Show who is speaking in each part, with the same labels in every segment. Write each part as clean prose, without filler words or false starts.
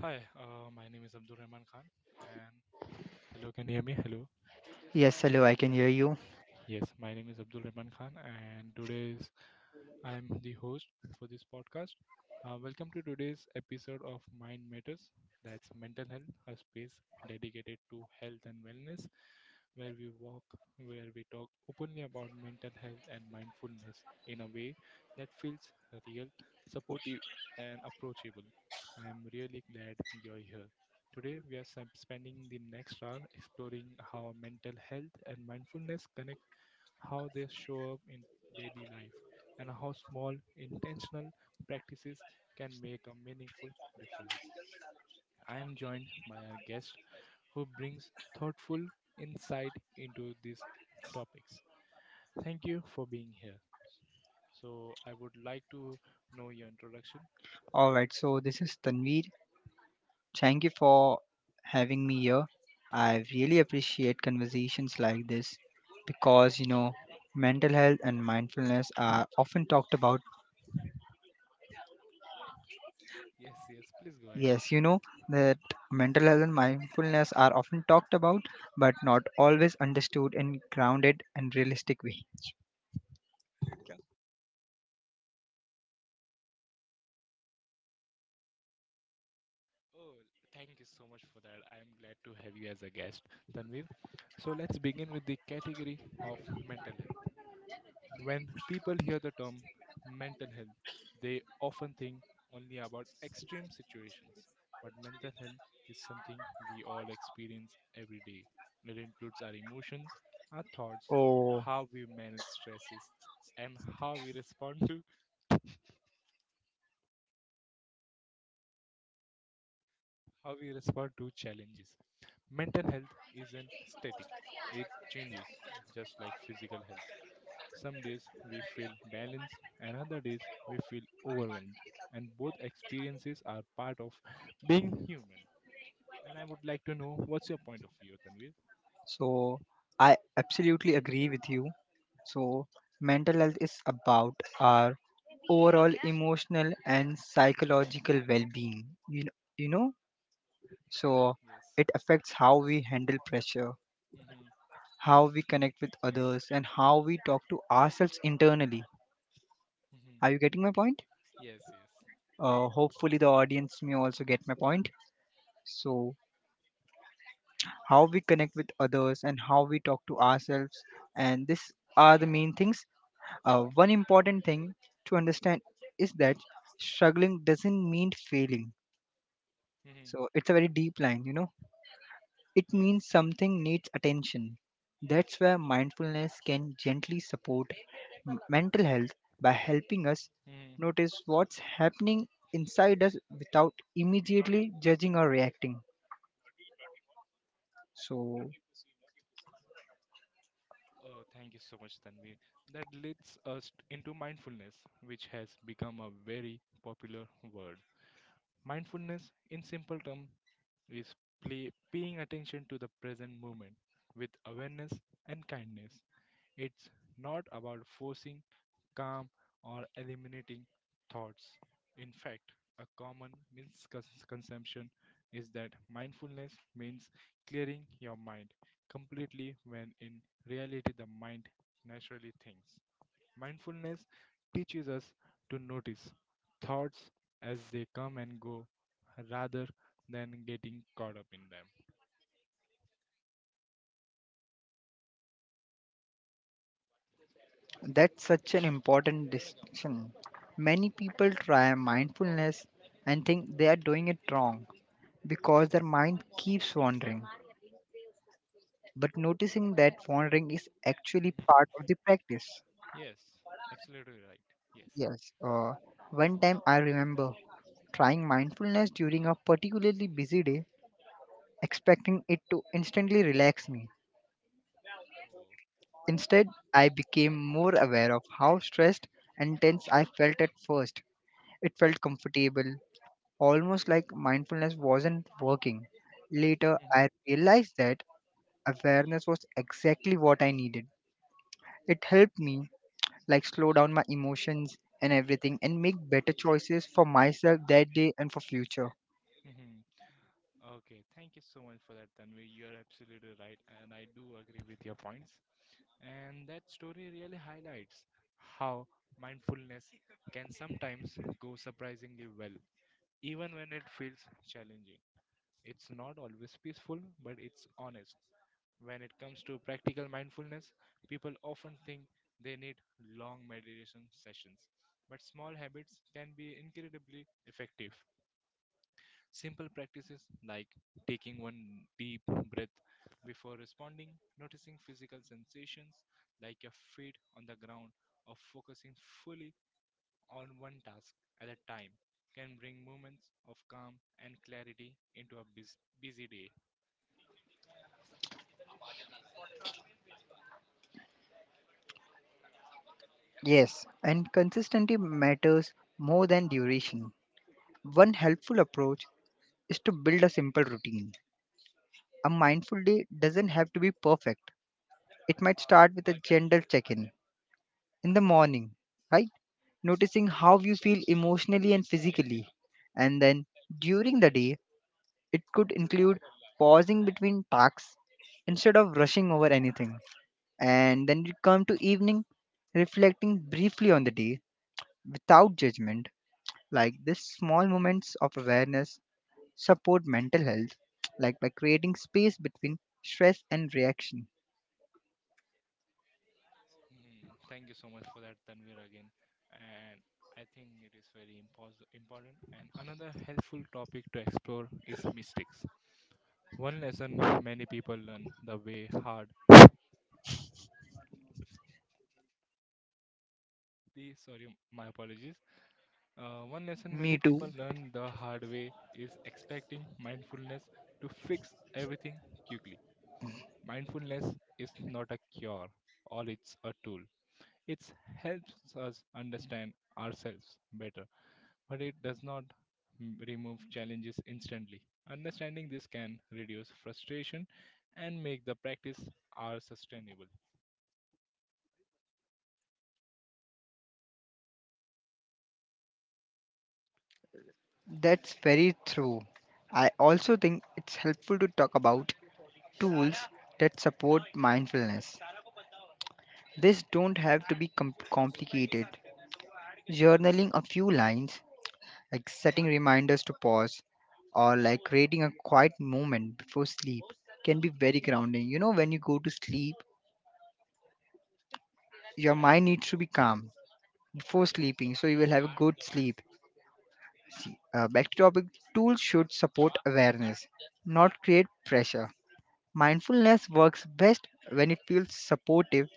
Speaker 1: Hi, my name is Abdul Rahman Khan, and hello, can you hear me? Hello.
Speaker 2: Yes, hello, I can hear you.
Speaker 1: Yes, my name is Abdul Rahman Khan, and today's I am the host for this podcast. Welcome to today's episode of Mind Matters. That's mental health, a space dedicated to health and wellness, where we walk, where we talk openly about mental health and mindfulness in a way that feels real, supportive, and approachable. I am really glad you're here. Today, we are spending the next hour exploring how mental health and mindfulness connect, how they show up in daily life, and how small, intentional practices can make a meaningful difference. I am joined by our guest who brings thoughtful insight into these topics. Thank you for being here. So, I would like to know your introduction.
Speaker 2: All right, so this is Tanveer. Thank you for having me here. I really appreciate conversations like this because, you know, mental health and mindfulness are often talked about.
Speaker 1: Yes, yes, please go ahead.
Speaker 2: Yes, you know that mental health and mindfulness are often talked about, but not always understood in grounded and realistic way.
Speaker 1: Oh, thank you so much for that. I am glad to have you as a guest, Tanvir. So let's begin with the category of mental health. When people hear the term mental health, they often think only about extreme situations. But mental health is something we all experience every day. It includes our emotions, our thoughts,
Speaker 2: Oh.
Speaker 1: how we manage stresses, and how we respond to how we respond to challenges. Mental health isn't static; it changes, just like physical health. Some days we feel balanced, and other days we feel overwhelmed. And both experiences are part of being human. And I would like to know what's your point of view, Tanvir?
Speaker 2: So I absolutely agree with you. So, mental health is about our overall emotional and psychological well-being. You know, so
Speaker 1: Yes.
Speaker 2: it affects how we handle pressure,
Speaker 1: Mm-hmm.
Speaker 2: how we connect with others, and how we talk to ourselves internally. Are you
Speaker 1: Mm-hmm.
Speaker 2: getting my point?
Speaker 1: Yes, yes.
Speaker 2: Hopefully, the audience may also get my point. So, how we connect with others and how we talk to ourselves, and this are the main things. One important thing to understand is that struggling doesn't mean failing. So
Speaker 1: Mm-hmm.
Speaker 2: it's a very deep line. It
Speaker 1: Yes.
Speaker 2: means something needs attention. That's where mindfulness can gently support mental health by helping us
Speaker 1: hmm
Speaker 2: notice what's happening inside us without immediately judging or reacting. So
Speaker 1: Oh, thank you so much, Tanvi. That leads us into mindfulness, which has become a very popular word. Mindfulness, in simple terms, is paying attention to the present moment with awareness and kindness. It's not about forcing calm or eliminating thoughts. In fact, a common misconception is that mindfulness means clearing your mind completely when in reality the mind naturally thinks. Mindfulness teaches us to notice thoughts as they come and go rather than getting caught up in them.
Speaker 2: that's such an important distinction. Many people try mindfulness and think they are doing it wrong because their mind keeps wandering. But noticing that wandering is actually
Speaker 1: Mhm.
Speaker 2: part of the practice.
Speaker 1: Yes, absolutely right. Yes.
Speaker 2: Yes, one time I remember trying mindfulness during a particularly busy day, expecting it to instantly relax me.
Speaker 1: Oh,
Speaker 2: Instead, I became more aware of how stressed and tense I felt at first. It felt comfortable, almost like mindfulness wasn't working. Later, I
Speaker 1: hmm
Speaker 2: realized that awareness was exactly what I needed. It helped me like slow down my emotions and everything and make better choices for myself that day and for future.
Speaker 1: hmm okay, thank you so much for that, Tanvi. You're absolutely right, and I do agree with your points. And that story really highlights how mindfulness can sometimes go surprisingly well, even when it feels challenging. It's not always peaceful, but it's honest. When it comes to practical mindfulness, people often think they need long meditation sessions, but small habits can be incredibly effective. Simple practices like taking one deep breath before responding, noticing physical sensations like your feet on the ground, or focusing fully on one task at a time can bring moments of calm and clarity into a busy day.
Speaker 2: Yes, and consistency matters more than duration. One helpful approach is to build a simple routine. A mindful day doesn't have to be perfect. It might start with a gentle check-in in the morning, right? Noticing how you feel emotionally and physically. And then during the day, it could include pausing between tasks instead of rushing over anything, and then you come to evening, reflecting briefly on the day without judgment. Like these small moments of awareness support mental health, like by creating space between stress and reaction.
Speaker 1: Hmm, thank you so much for that, Tanvir, again. And I think it is very important. And another helpful topic to explore is mistakes. One lesson many people learn the way hard. The sorry, my apologies. One lesson
Speaker 2: Me
Speaker 1: many
Speaker 2: too.
Speaker 1: people learn the hard way is expecting mindfulness to fix everything quickly. Mindfulness is not a cure, or it's a tool. It helps us understand ourselves better but it does not remove challenges instantly. Understanding this can reduce frustration and make the practice are sustainable.
Speaker 2: That's very true. I also think it's helpful to talk about tools that support mindfulness. This don't have to be complicated. Journaling a few lines, like setting reminders to pause, or like creating a quiet moment before sleep can be very grounding. You know, when you go to sleep, your mind needs to be calm before sleeping so you will have a good sleep. Back to topic, tools should support awareness, not create pressure. Mindfulness works best when it feels supportive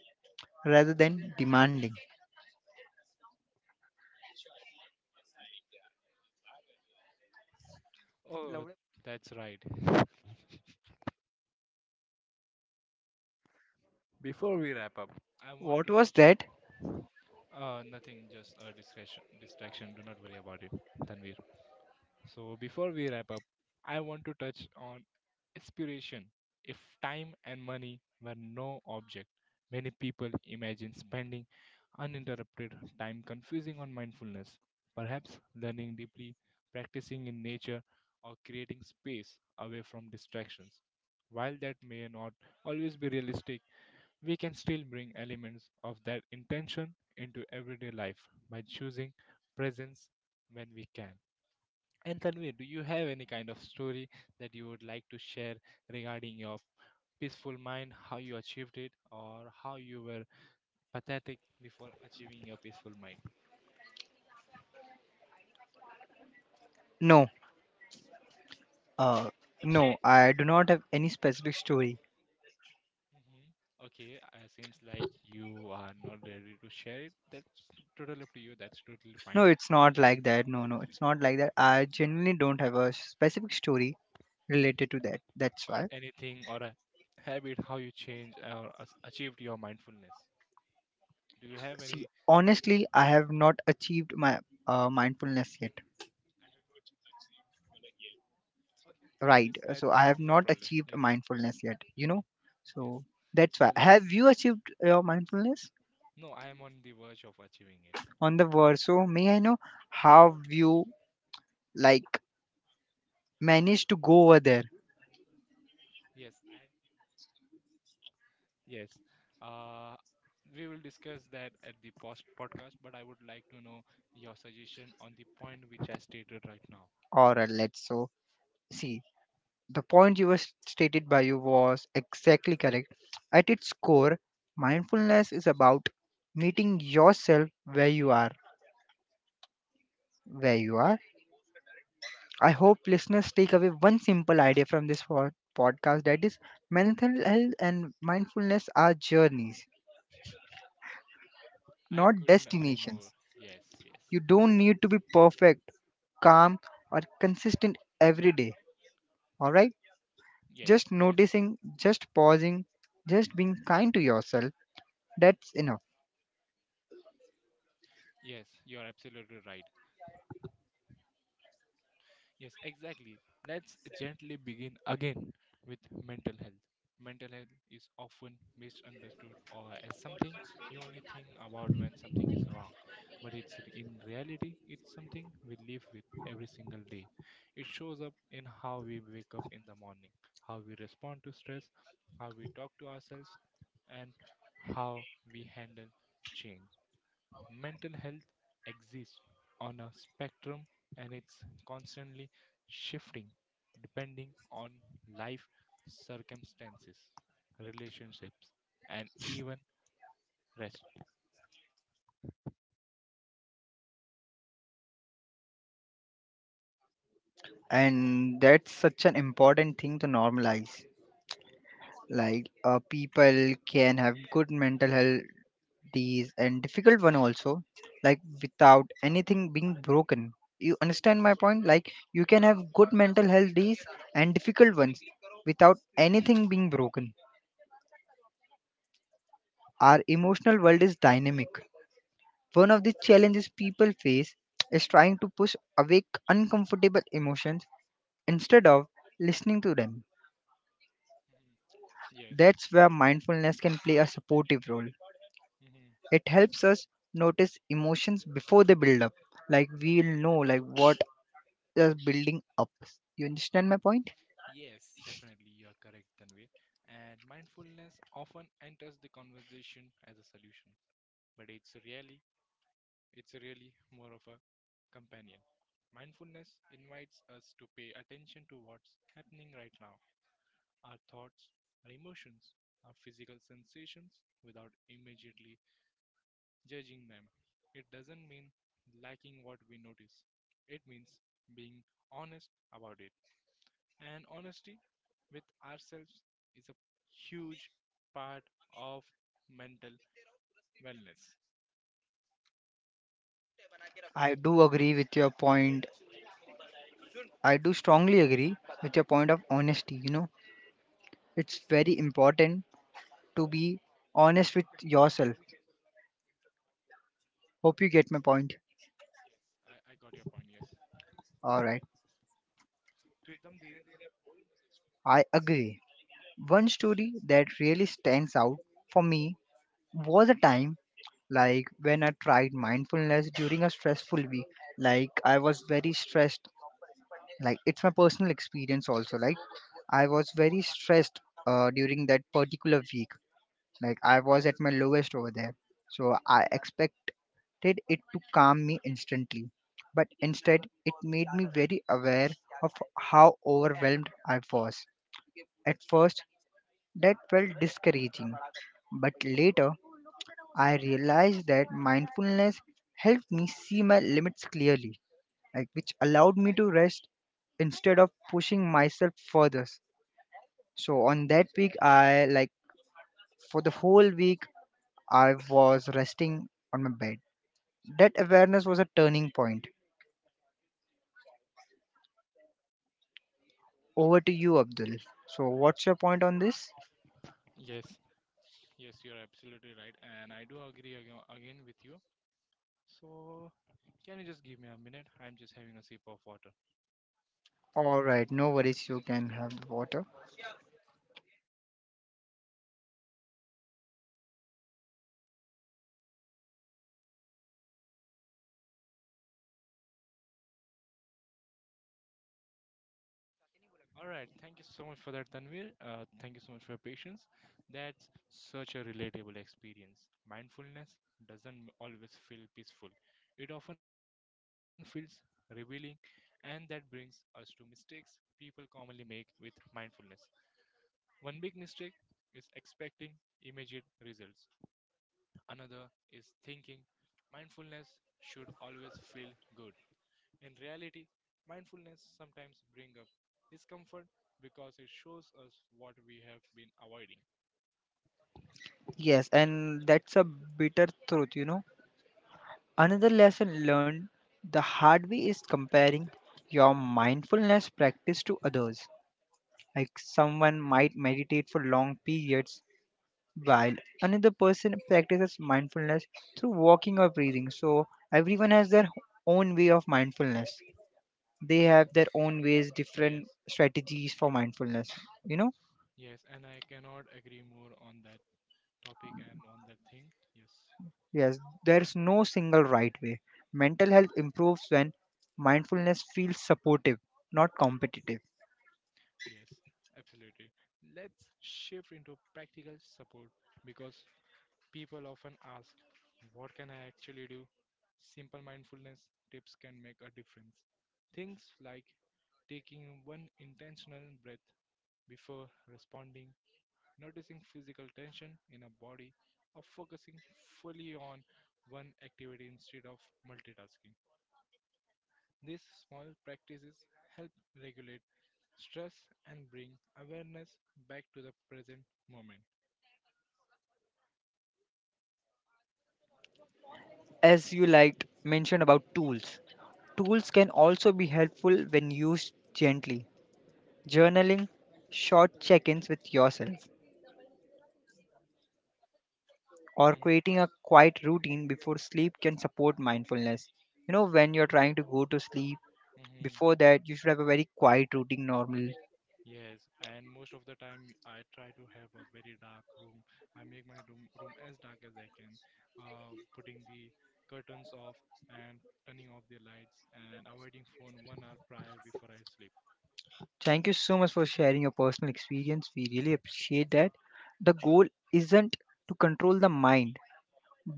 Speaker 2: rather than demanding.
Speaker 1: Oh, that's right. Before we wrap up, I want
Speaker 2: What
Speaker 1: to
Speaker 2: was
Speaker 1: touch
Speaker 2: that?
Speaker 1: nothing, just a discretion distraction. Do not worry about it, Tanvir. So before we wrap up, I want to touch on inspiration. If time and money were no object, many people imagine spending uninterrupted time confusing on mindfulness, perhaps learning deeply, practicing in nature, or creating space away from distractions. While that may not always be realistic, we can still bring elements of that intention into everyday life by choosing presence when we can. And Tanvir, do you have any kind of story that you would like to share regarding your peaceful mind, how you achieved it, or how you were pathetic before achieving your peaceful mind?
Speaker 2: No, uh, no, I do not have any specific story.
Speaker 1: Okay, seems like you are not ready to share it. That's totally up to you. That's totally fine.
Speaker 2: No, it's not like that. No, no, it's not like that. I genuinely don't have a specific story related to that. That's
Speaker 1: Or
Speaker 2: why.
Speaker 1: anything, or a habit, how you change or achieved your mindfulness. Do you have
Speaker 2: See,
Speaker 1: any?
Speaker 2: honestly, I have not achieved my mindfulness yet.
Speaker 1: I have- Okay, no
Speaker 2: Right.
Speaker 1: worries. Let
Speaker 2: So I have
Speaker 1: no
Speaker 2: not
Speaker 1: problem.
Speaker 2: achieved
Speaker 1: Yes,
Speaker 2: mindfulness yet, you
Speaker 1: hmm
Speaker 2: know?
Speaker 1: yes.
Speaker 2: So that's
Speaker 1: So
Speaker 2: why. Have
Speaker 1: let's
Speaker 2: you achieved your mindfulness
Speaker 1: No, I am on the verge of achieving it.
Speaker 2: on the verso? May I know how you like managed to go over there?
Speaker 1: Yes, I yes. Uh, we will discuss that at the post podcast, but I would like to know your suggestion on the point which I stated right now.
Speaker 2: Or let's, so, see. The point you were stated by you was exactly correct. At its core, mindfulness is about meeting yourself where you are. Where you are. I hope listeners take away one simple idea from this podcast, that is, mental health and mindfulness are journeys,
Speaker 1: I
Speaker 2: not
Speaker 1: couldn't agree more.
Speaker 2: destinations.
Speaker 1: Yes, yes,
Speaker 2: You don't need to be perfect, calm, or consistent every day. All right?
Speaker 1: yes,
Speaker 2: Just
Speaker 1: yeah,
Speaker 2: noticing, just pausing, just being kind to yourself, that's enough.
Speaker 1: yes. You are absolutely right. Yes, exactly. Let's gently begin again with mental health. Mental health is often misunderstood or as something you only think about when something is wrong, but in reality it's something we live with every single day. It shows up in how we wake up in the morning, how we respond to stress, how we talk to ourselves, and how we handle change. Mental health exists on a spectrum and it's constantly shifting depending on life circumstances, relationships, and even rest.
Speaker 2: And that's such an important thing to normalize, like people can have good mental health days and difficult one also, like without anything being broken. You understand my point? Like you can have good mental health days and difficult ones without anything being broken. Our emotional world is dynamic. One of the challenges people face is trying to push away uncomfortable emotions instead of listening to them.
Speaker 1: Mhm. Yes.
Speaker 2: That's where mindfulness can play a supportive role.
Speaker 1: hmm
Speaker 2: It helps us notice emotions before they build up. Like we'll know like what is building up. You understand my point?
Speaker 1: Yes, definitely, you are correct, Tanvir. And mindfulness often enters the conversation as a solution, but it's really more of a companion. Mindfulness invites us to pay attention to what's happening right now, our thoughts, our emotions, our physical sensations without immediately judging them. It doesn't mean lacking what we notice, it means being honest about it. And honesty with ourselves is a huge part of mental wellness. Yes,
Speaker 2: I do agree with your point. I do strongly agree with your point of honesty. It's very important to be honest with yourself. Hope you get my point.
Speaker 1: I got your point. Yes.
Speaker 2: All right.
Speaker 1: तो एकदम धीरे धीरे
Speaker 2: I agree. One story that really stands out for me was a time like when I tried mindfulness during a stressful week. Like I was very stressed, like it's my personal experience also, like I was very stressed, during that particular week, like I was at my lowest over there. So I expected it to calm me instantly, but instead it made me very aware of how overwhelmed I was at first. That felt discouraging, but later I realized that mindfulness helped me see my limits clearly, like which allowed me to rest instead of pushing myself further. So on that week, I like, for the whole week, I was resting on my bed. That awareness was a turning point. Over to you, Abdul. So what's your point on this?
Speaker 1: Yes, yes, you're absolutely right, and I do agree again with you. So, can you just give me a minute? I'm just having a sip of water.
Speaker 2: All right, no worries. You can have the water.
Speaker 1: All right. Thank you so much for that, Tanvir. Thank you so much for your patience. That's such a relatable experience. Mindfulness doesn't always feel peaceful, it often feels revealing, and that brings us to mistakes people commonly make with mindfulness. One big mistake is expecting immediate results, another is thinking mindfulness should always feel good. In reality, mindfulness sometimes brings up discomfort because it shows us what we have been avoiding.
Speaker 2: Yes, and that's a bitter truth. Another lesson learned the hard way is comparing your mindfulness practice to others. Like someone might meditate for long periods while another person practices mindfulness through walking or breathing. So everyone has their own way of mindfulness. They
Speaker 1: hmm
Speaker 2: have their own ways,
Speaker 1: Yes,
Speaker 2: different strategies for mindfulness. You know?
Speaker 1: yes, and I cannot agree more on that topic and on that thing. Yes,
Speaker 2: Yes, there's no single right way. Mental health improves when mindfulness feels supportive, not competitive.
Speaker 1: yes, absolutely. Let's shift into practical support because people often ask, what can I actually do? Simple mindfulness tips can make a difference. Things like taking one intentional breath before responding, noticing physical tension in a body, or focusing fully on one activity instead of multitasking. These small practices help regulate stress and bring awareness back to the present moment.
Speaker 2: As you liked mentioned about tools can also be helpful when used gently. Journaling, short check-ins with yourself, or
Speaker 1: Mm-hmm,
Speaker 2: creating a quiet routine before sleep can support mindfulness. You know, when you're trying to go to sleep,
Speaker 1: mm-hmm.
Speaker 2: before that you should have a very quiet routine normally.
Speaker 1: Yes, and most of the time I try to have a very dark room. I make my room as dark as I can, putting the curtains off and turning off the lights and avoiding phone 1 hour prior before I sleep.
Speaker 2: Thank you so much for sharing your personal experience. We really appreciate that. The goal isn't to control the mind,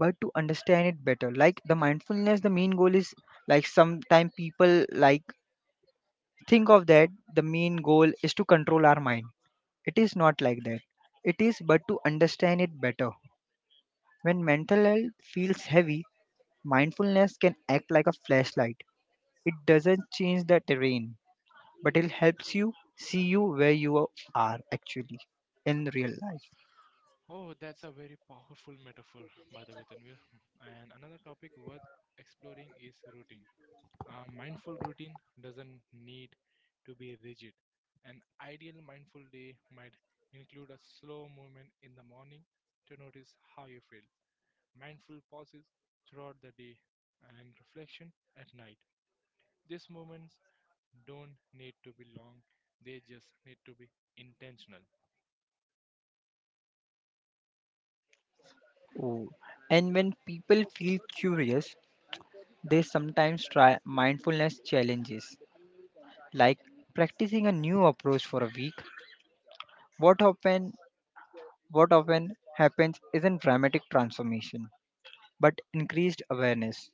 Speaker 2: but to understand it better. Like the mindfulness, the main goal is, like sometimes people like think of that the main goal is to control our mind. It is not like that. It is, but to understand it better. When mental health feels heavy, mindfulness can act like a flashlight. It doesn't change the terrain, but it helps you see you where you are actually in real life.
Speaker 1: Oh, that's a very powerful metaphor, by the way, Tanvir. And another topic worth exploring is routine. A mindful routine doesn't need to be rigid. An ideal mindful day might include a slow movement in the morning to notice how you feel, mindful pauses throughout the day, and reflection at night. These movements don't need to be long, they just need to be intentional.
Speaker 2: Oh. And when people feel curious, they sometimes try mindfulness challenges, like practicing a new approach for a week. What often what often happens isn't dramatic transformation, but increased awareness.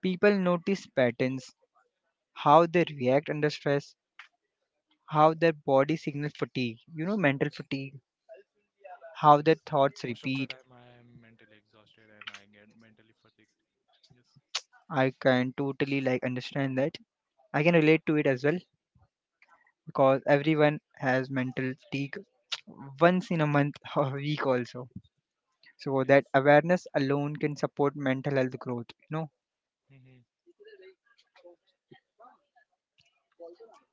Speaker 2: People notice patterns, how they react under stress, how their body signals fatigue, mental fatigue, how their
Speaker 1: Yes.
Speaker 2: thoughts
Speaker 1: Most of the
Speaker 2: repeat.
Speaker 1: time I am mentally exhausted and I get mentally fatigued. Yes.
Speaker 2: I can totally like understand that. I can relate to it as well because everyone has mental fatigue once in a month or a week also, so
Speaker 1: Yes.
Speaker 2: that awareness alone can support mental health growth.
Speaker 1: hmm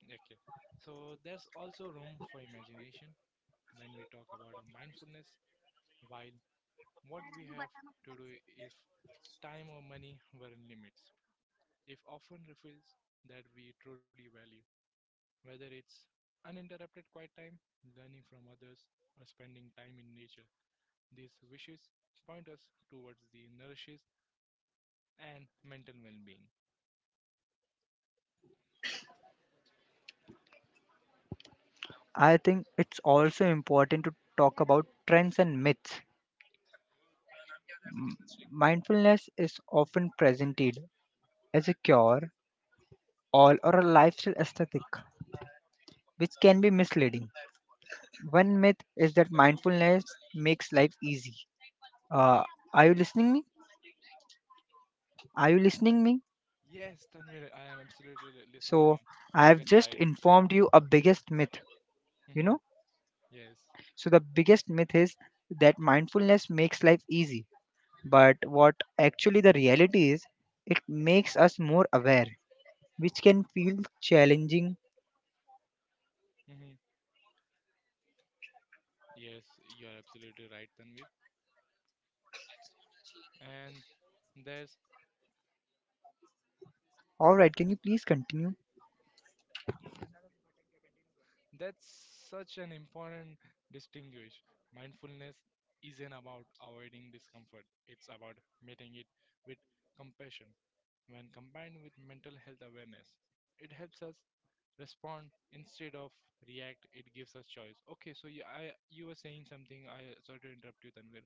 Speaker 1: Okay. So there's also room for imagination when we talk about a mindfulness while what we have to do if time or money were in limits. If often reveals that we truly value, whether it's uninterrupted quiet time, learning from others, or spending time in nature. These wishes point us towards the nourishes and mental well-being.
Speaker 2: I think it's also important to talk about trends and myths. M- mindfulness is often presented as a cure all or a lifestyle aesthetic, which can be misleading. One myth is that mindfulness makes life easy. Uh, are you listening me? Are you listening me?
Speaker 1: Yes, Tanvir, I am absolutely
Speaker 2: So
Speaker 1: listening you
Speaker 2: I
Speaker 1: like a
Speaker 2: have
Speaker 1: child.
Speaker 2: just informed you a biggest myth you
Speaker 1: Mhm,
Speaker 2: know
Speaker 1: yes.
Speaker 2: so the biggest myth is that mindfulness makes life easy. But what actually the reality is, it makes us more aware, which can feel challenging.
Speaker 1: hmm Yes, you are absolutely right, Tanvir. And there's
Speaker 2: All right, can you please continue?
Speaker 1: That's such an important distinguish. Mindfulness isn't about avoiding discomfort, it's about meeting it with compassion. When combined with mental health awareness, it helps us respond instead of react. It gives us choice. Okay, so you were saying something. I sorry to interrupt you, Tanvir.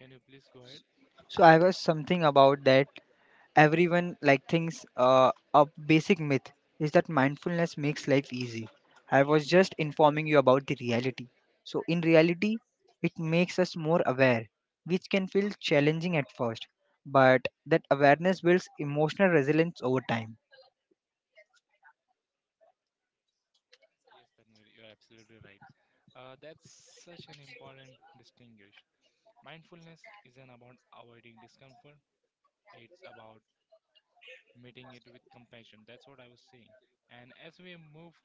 Speaker 1: Can you please go ahead?
Speaker 2: So I was something about that everyone like thinks a basic myth is that mindfulness makes life easy. I was just informing you about the reality. So in reality, it makes us more aware, which can feel challenging at first, but that awareness builds emotional resilience over time.
Speaker 1: Yes, Tanvir, you're absolutely right. That's such an important distinguish. Mindfulness isn't about avoiding discomfort, it's about meeting it with compassion. That's what I was saying. And as we move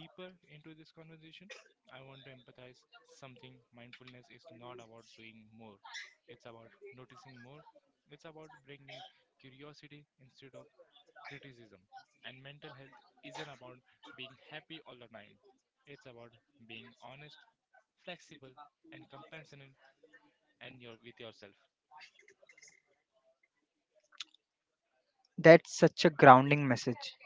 Speaker 1: deeper into this conversation, I want to empathize something. Mindfulness is not about doing more, it's about noticing more. It's about bringing curiosity instead of criticism. And mental health isn't about being happy all the time, it's about being honest, flexible, and compassionate with yourself.
Speaker 2: That's such a grounding message.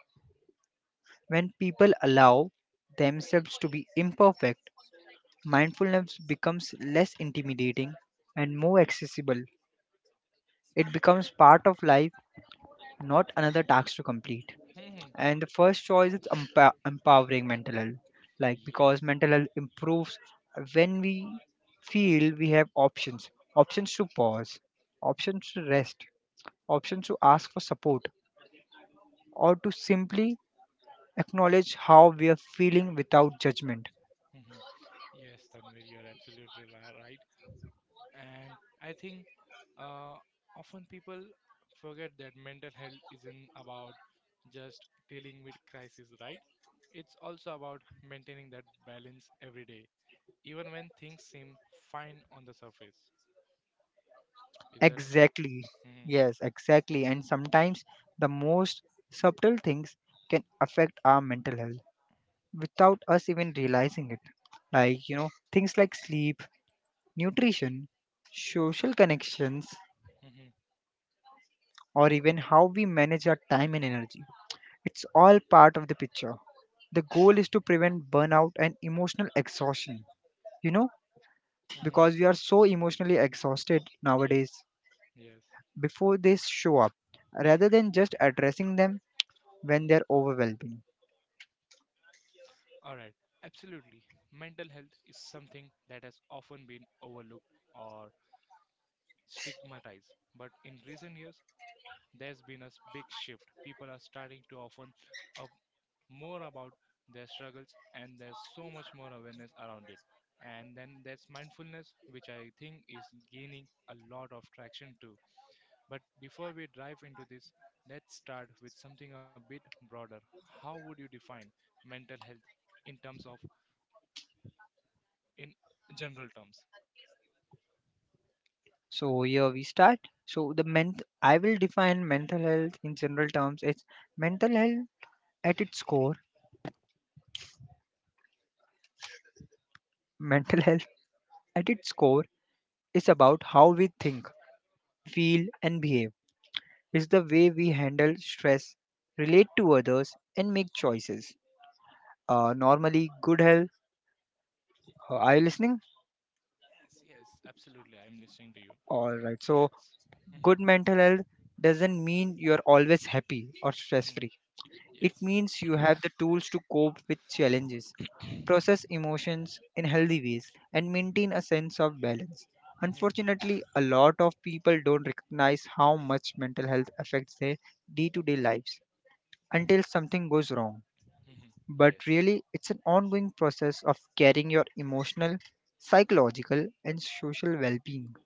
Speaker 2: When people allow themselves to be imperfect, mindfulness becomes less intimidating and more accessible. It becomes part of life, not another task to complete. And the first choice is empowering mental health, like because
Speaker 1: Yes,
Speaker 2: mental health improves when we feel we have options, options to pause, options to rest, options to ask for support, or to simply acknowledge how we are feeling without judgment.
Speaker 1: mhm. Yes, Tanvir, you're absolutely right. And I think uh, often people forget that mental health isn't about just dealing with crisis, right? It's also about maintaining that balance every day, even when things seem fine on the surface. Is that right?
Speaker 2: Exactly.
Speaker 1: hmm
Speaker 2: Yes, exactly. And sometimes the most subtle things can affect our mental health without us even realizing it. Like,
Speaker 1: hmm
Speaker 2: you know, things like sleep, nutrition, social connections,
Speaker 1: hmm
Speaker 2: or even how we manage our time and energy. It's all part of the picture. The goal is to prevent burnout and emotional exhaustion, you know,
Speaker 1: hmm
Speaker 2: because we are so emotionally exhausted nowadays,
Speaker 1: Yes, yes.
Speaker 2: before they show up rather than just addressing them when
Speaker 1: Mhm.
Speaker 2: they're overwhelming.
Speaker 1: All right, absolutely. Mental health is something that has often been overlooked or stigmatized. But in recent years, there's been a big shift. People are starting to often up more about their struggles, and there's so much more awareness around it. And then there's mindfulness, which I think is gaining a lot of traction too. But before we dive into this, let's start with something a bit broader. How would you define mental health in terms of, in general terms?
Speaker 2: So here we start. So the ment I will define mental health in general terms. It's mental health at its core. Mental health at its core is about how we think, feel and behave. It's the way we handle stress, relate to others and make choices. Normally good health, are you listening?
Speaker 1: Yes, yes, absolutely. I'm listening to you.
Speaker 2: Alright. So
Speaker 1: That's. Mhm,
Speaker 2: good mental health doesn't mean you're always happy or stress
Speaker 1: mhm.
Speaker 2: free. It
Speaker 1: Yes,
Speaker 2: means you have the tools to cope with challenges, process emotions in healthy ways, and maintain a sense of balance.
Speaker 1: mhm,
Speaker 2: Unfortunately, a lot of people don't recognize how much mental health affects their day to day lives until something goes wrong.
Speaker 1: mhm,
Speaker 2: But
Speaker 1: yes,
Speaker 2: really, it's an ongoing process of carrying your emotional, psychological, and social well being.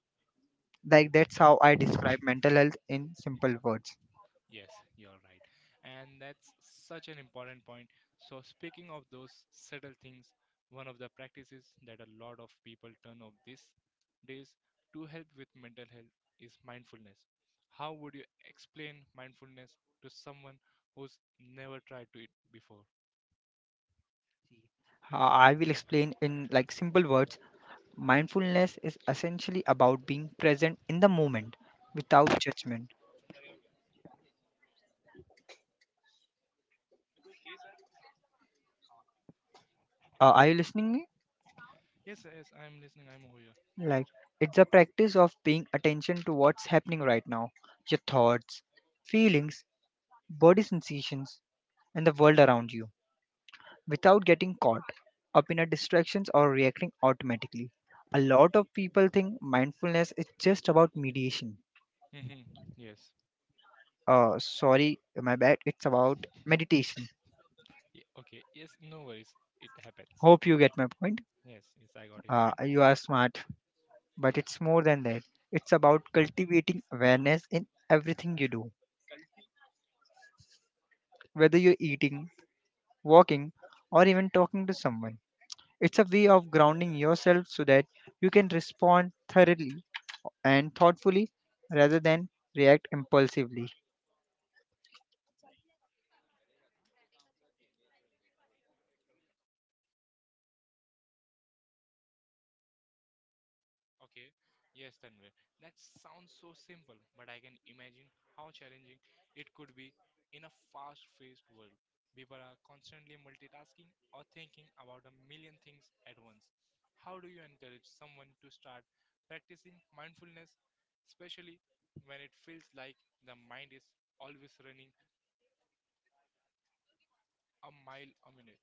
Speaker 2: Like, that's how I describe mental health in simple words.
Speaker 1: yes, you're right. And that's such an important point. So, speaking of those subtle things, one of the practices that a lot of people turn off these days to help with mental health is mindfulness. How would you explain mindfulness to someone who's never tried to it before?
Speaker 2: I will explain in like simple words. Mindfulness is essentially about being present in the moment without judgment. Are you listening me?
Speaker 1: Yes, yes, I'm listening, I'm over here.
Speaker 2: Like it's a practice of paying attention to what's happening right now, your thoughts, feelings, body sensations, and the world around you without getting caught up in a distractions or reacting automatically. A lot of people think mindfulness is just about mediation.
Speaker 1: Hmm, yes.
Speaker 2: Sorry, my bad. It's about meditation.
Speaker 1: Okay, yes, no worries, it happens.
Speaker 2: Hope you get my point.
Speaker 1: Yes, yes, I got your point.
Speaker 2: You are smart. But
Speaker 1: Yes.
Speaker 2: it's more than that. It's about cultivating awareness in everything you do, whether you're eating, walking, or even talking to someone. It's a way of grounding yourself so that you can respond thoroughly and thoughtfully rather than react impulsively.
Speaker 1: Okay, yes, Tanvir. That sounds so simple, but I can imagine how challenging it could be in a fast paced world. People are constantly multitasking or thinking about a million things at once. How do you encourage someone to start practicing mindfulness, especially when it feels like the mind is always running a mile a minute?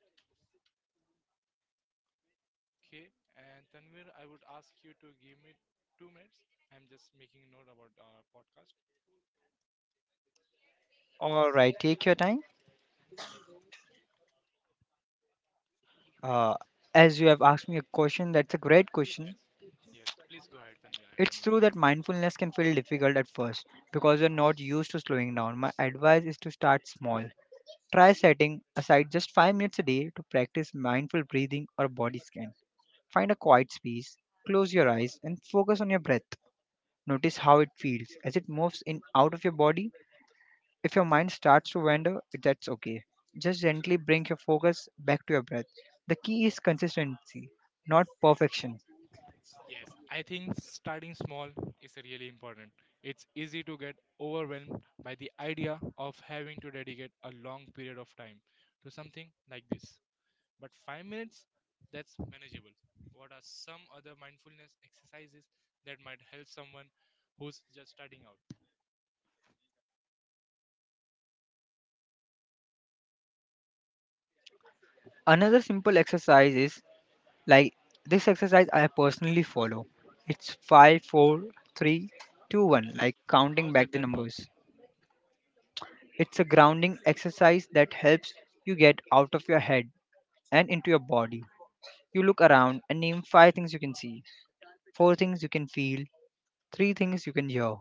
Speaker 1: Okay, and Tanvir, I would ask you to give me 2 minutes. I'm just making note about our podcast.
Speaker 2: All right, take your time. Uh, as you have asked me a question, that's a great question.
Speaker 1: Yes. Yes. Please go ahead, Tanvir. I'm done
Speaker 2: It's
Speaker 1: with
Speaker 2: true
Speaker 1: my
Speaker 2: that
Speaker 1: work.
Speaker 2: mindfulness can feel difficult at first because you're not used to slowing down. My advice is to start small. Try setting aside just 5 minutes a day to practice mindful breathing or body scan. Find a quiet space, close your eyes, and focus on your breath. Notice how it feels as it moves in out of your body. If your mind starts to wander, that's okay. Just gently bring your focus back to your breath. The key is consistency, not perfection.
Speaker 1: Yes. I think starting small is really important. It's easy to get overwhelmed by the idea of having to dedicate a long period of time to something like this. But 5 minutes, that's manageable. What are some other mindfulness exercises that might help someone who's just starting out?
Speaker 2: Another simple exercise is like this exercise I personally follow. It's five, four, three, two, one, like
Speaker 1: And
Speaker 2: counting
Speaker 1: how's that
Speaker 2: back the
Speaker 1: that work?
Speaker 2: numbers. It's a grounding exercise that helps you get out of your head and into your body. You look around and name five things you can see, four things you can feel, three things you can hear,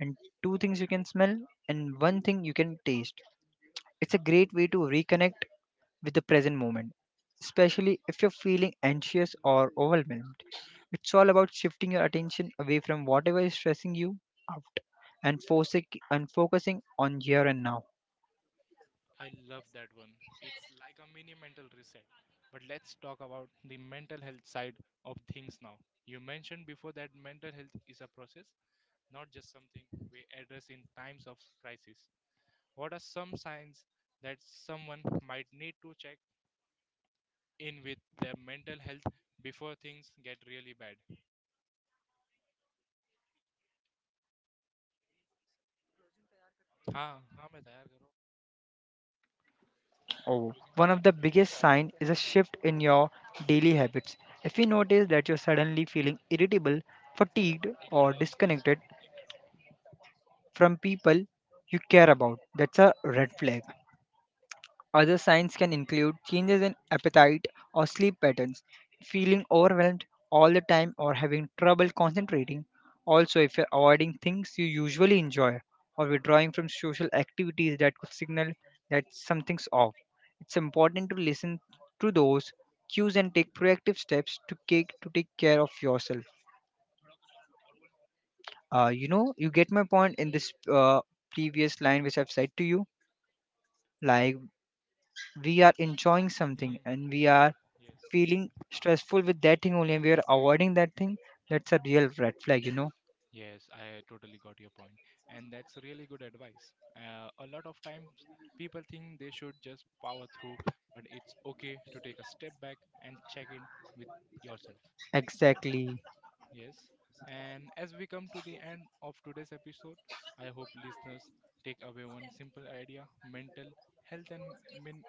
Speaker 2: and two things you can smell, and one thing you can taste. It's a great way to reconnect with the present moment, especially if you're feeling anxious or overwhelmed. It's all about shifting your attention away from whatever is stressing you out and, forcing, and focusing on here and now.
Speaker 1: I love that one. It's like a mini mental reset. But let's talk about the mental health side of things now. You mentioned before that mental health is a process, not just something we address in times of crisis. What are some signs that someone might need to check in with their mental health before things get really bad? हाँ हाँ मैं तैयार करो.
Speaker 2: Oh, one of the biggest signs is a shift in your daily habits. If you notice that you're suddenly feeling irritable, fatigued, or disconnected from people you care about, that's a red flag. Other signs can include changes in appetite or sleep patterns, feeling overwhelmed all the time or having trouble concentrating. Also, if you're avoiding things you usually enjoy or withdrawing from social activities that could signal that something's off, it's important to listen to those cues and take proactive steps to take care of yourself. You get my point in this previous line which I've said to you. Like, we are enjoying something
Speaker 1: hmm,
Speaker 2: and we are
Speaker 1: yes.
Speaker 2: feeling stressful with that thing only and we are avoiding that thing, that's a real red flag.
Speaker 1: Yes, I totally got your point, and that's really good advice. A lot of times, people think they should just power through, but it's okay to take a step back and check in with yourself.
Speaker 2: Exactly.
Speaker 1: Yes, and as we come to the end of today's episode, I hope listeners take away one simple idea: mental health and min-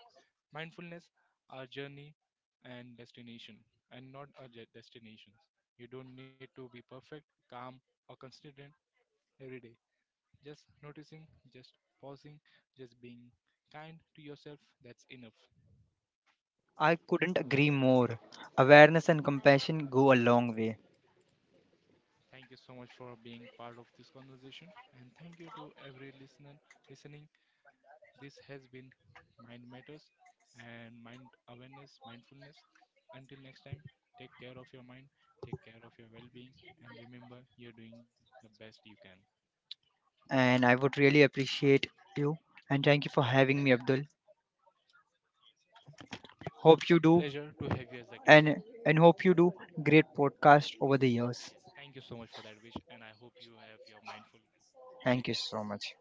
Speaker 1: mindfulness are journey and destination, and not destinations. You don't need to be perfect, calm, or consistent every day, just noticing, just pausing, just being kind to yourself, that's enough.
Speaker 2: I couldn't agree more. Awareness and compassion go a long way.
Speaker 1: Thank you so much for being part of this conversation and thank you to every listener listening. This has been Mind Matters and Mindfulness. Until next time, take care of your mind, take care of your well being, and remember you're doing the best you can.
Speaker 2: And I would really appreciate you. And thank you for having me, Abdul.
Speaker 1: It was
Speaker 2: Hope you
Speaker 1: a
Speaker 2: do
Speaker 1: pleasure to have you as a guest.
Speaker 2: and hope you do great podcast over the years.
Speaker 1: Yes, thank you so much for that wish, and I hope you have your mindfulness. Take
Speaker 2: Thank you
Speaker 1: care.
Speaker 2: so much.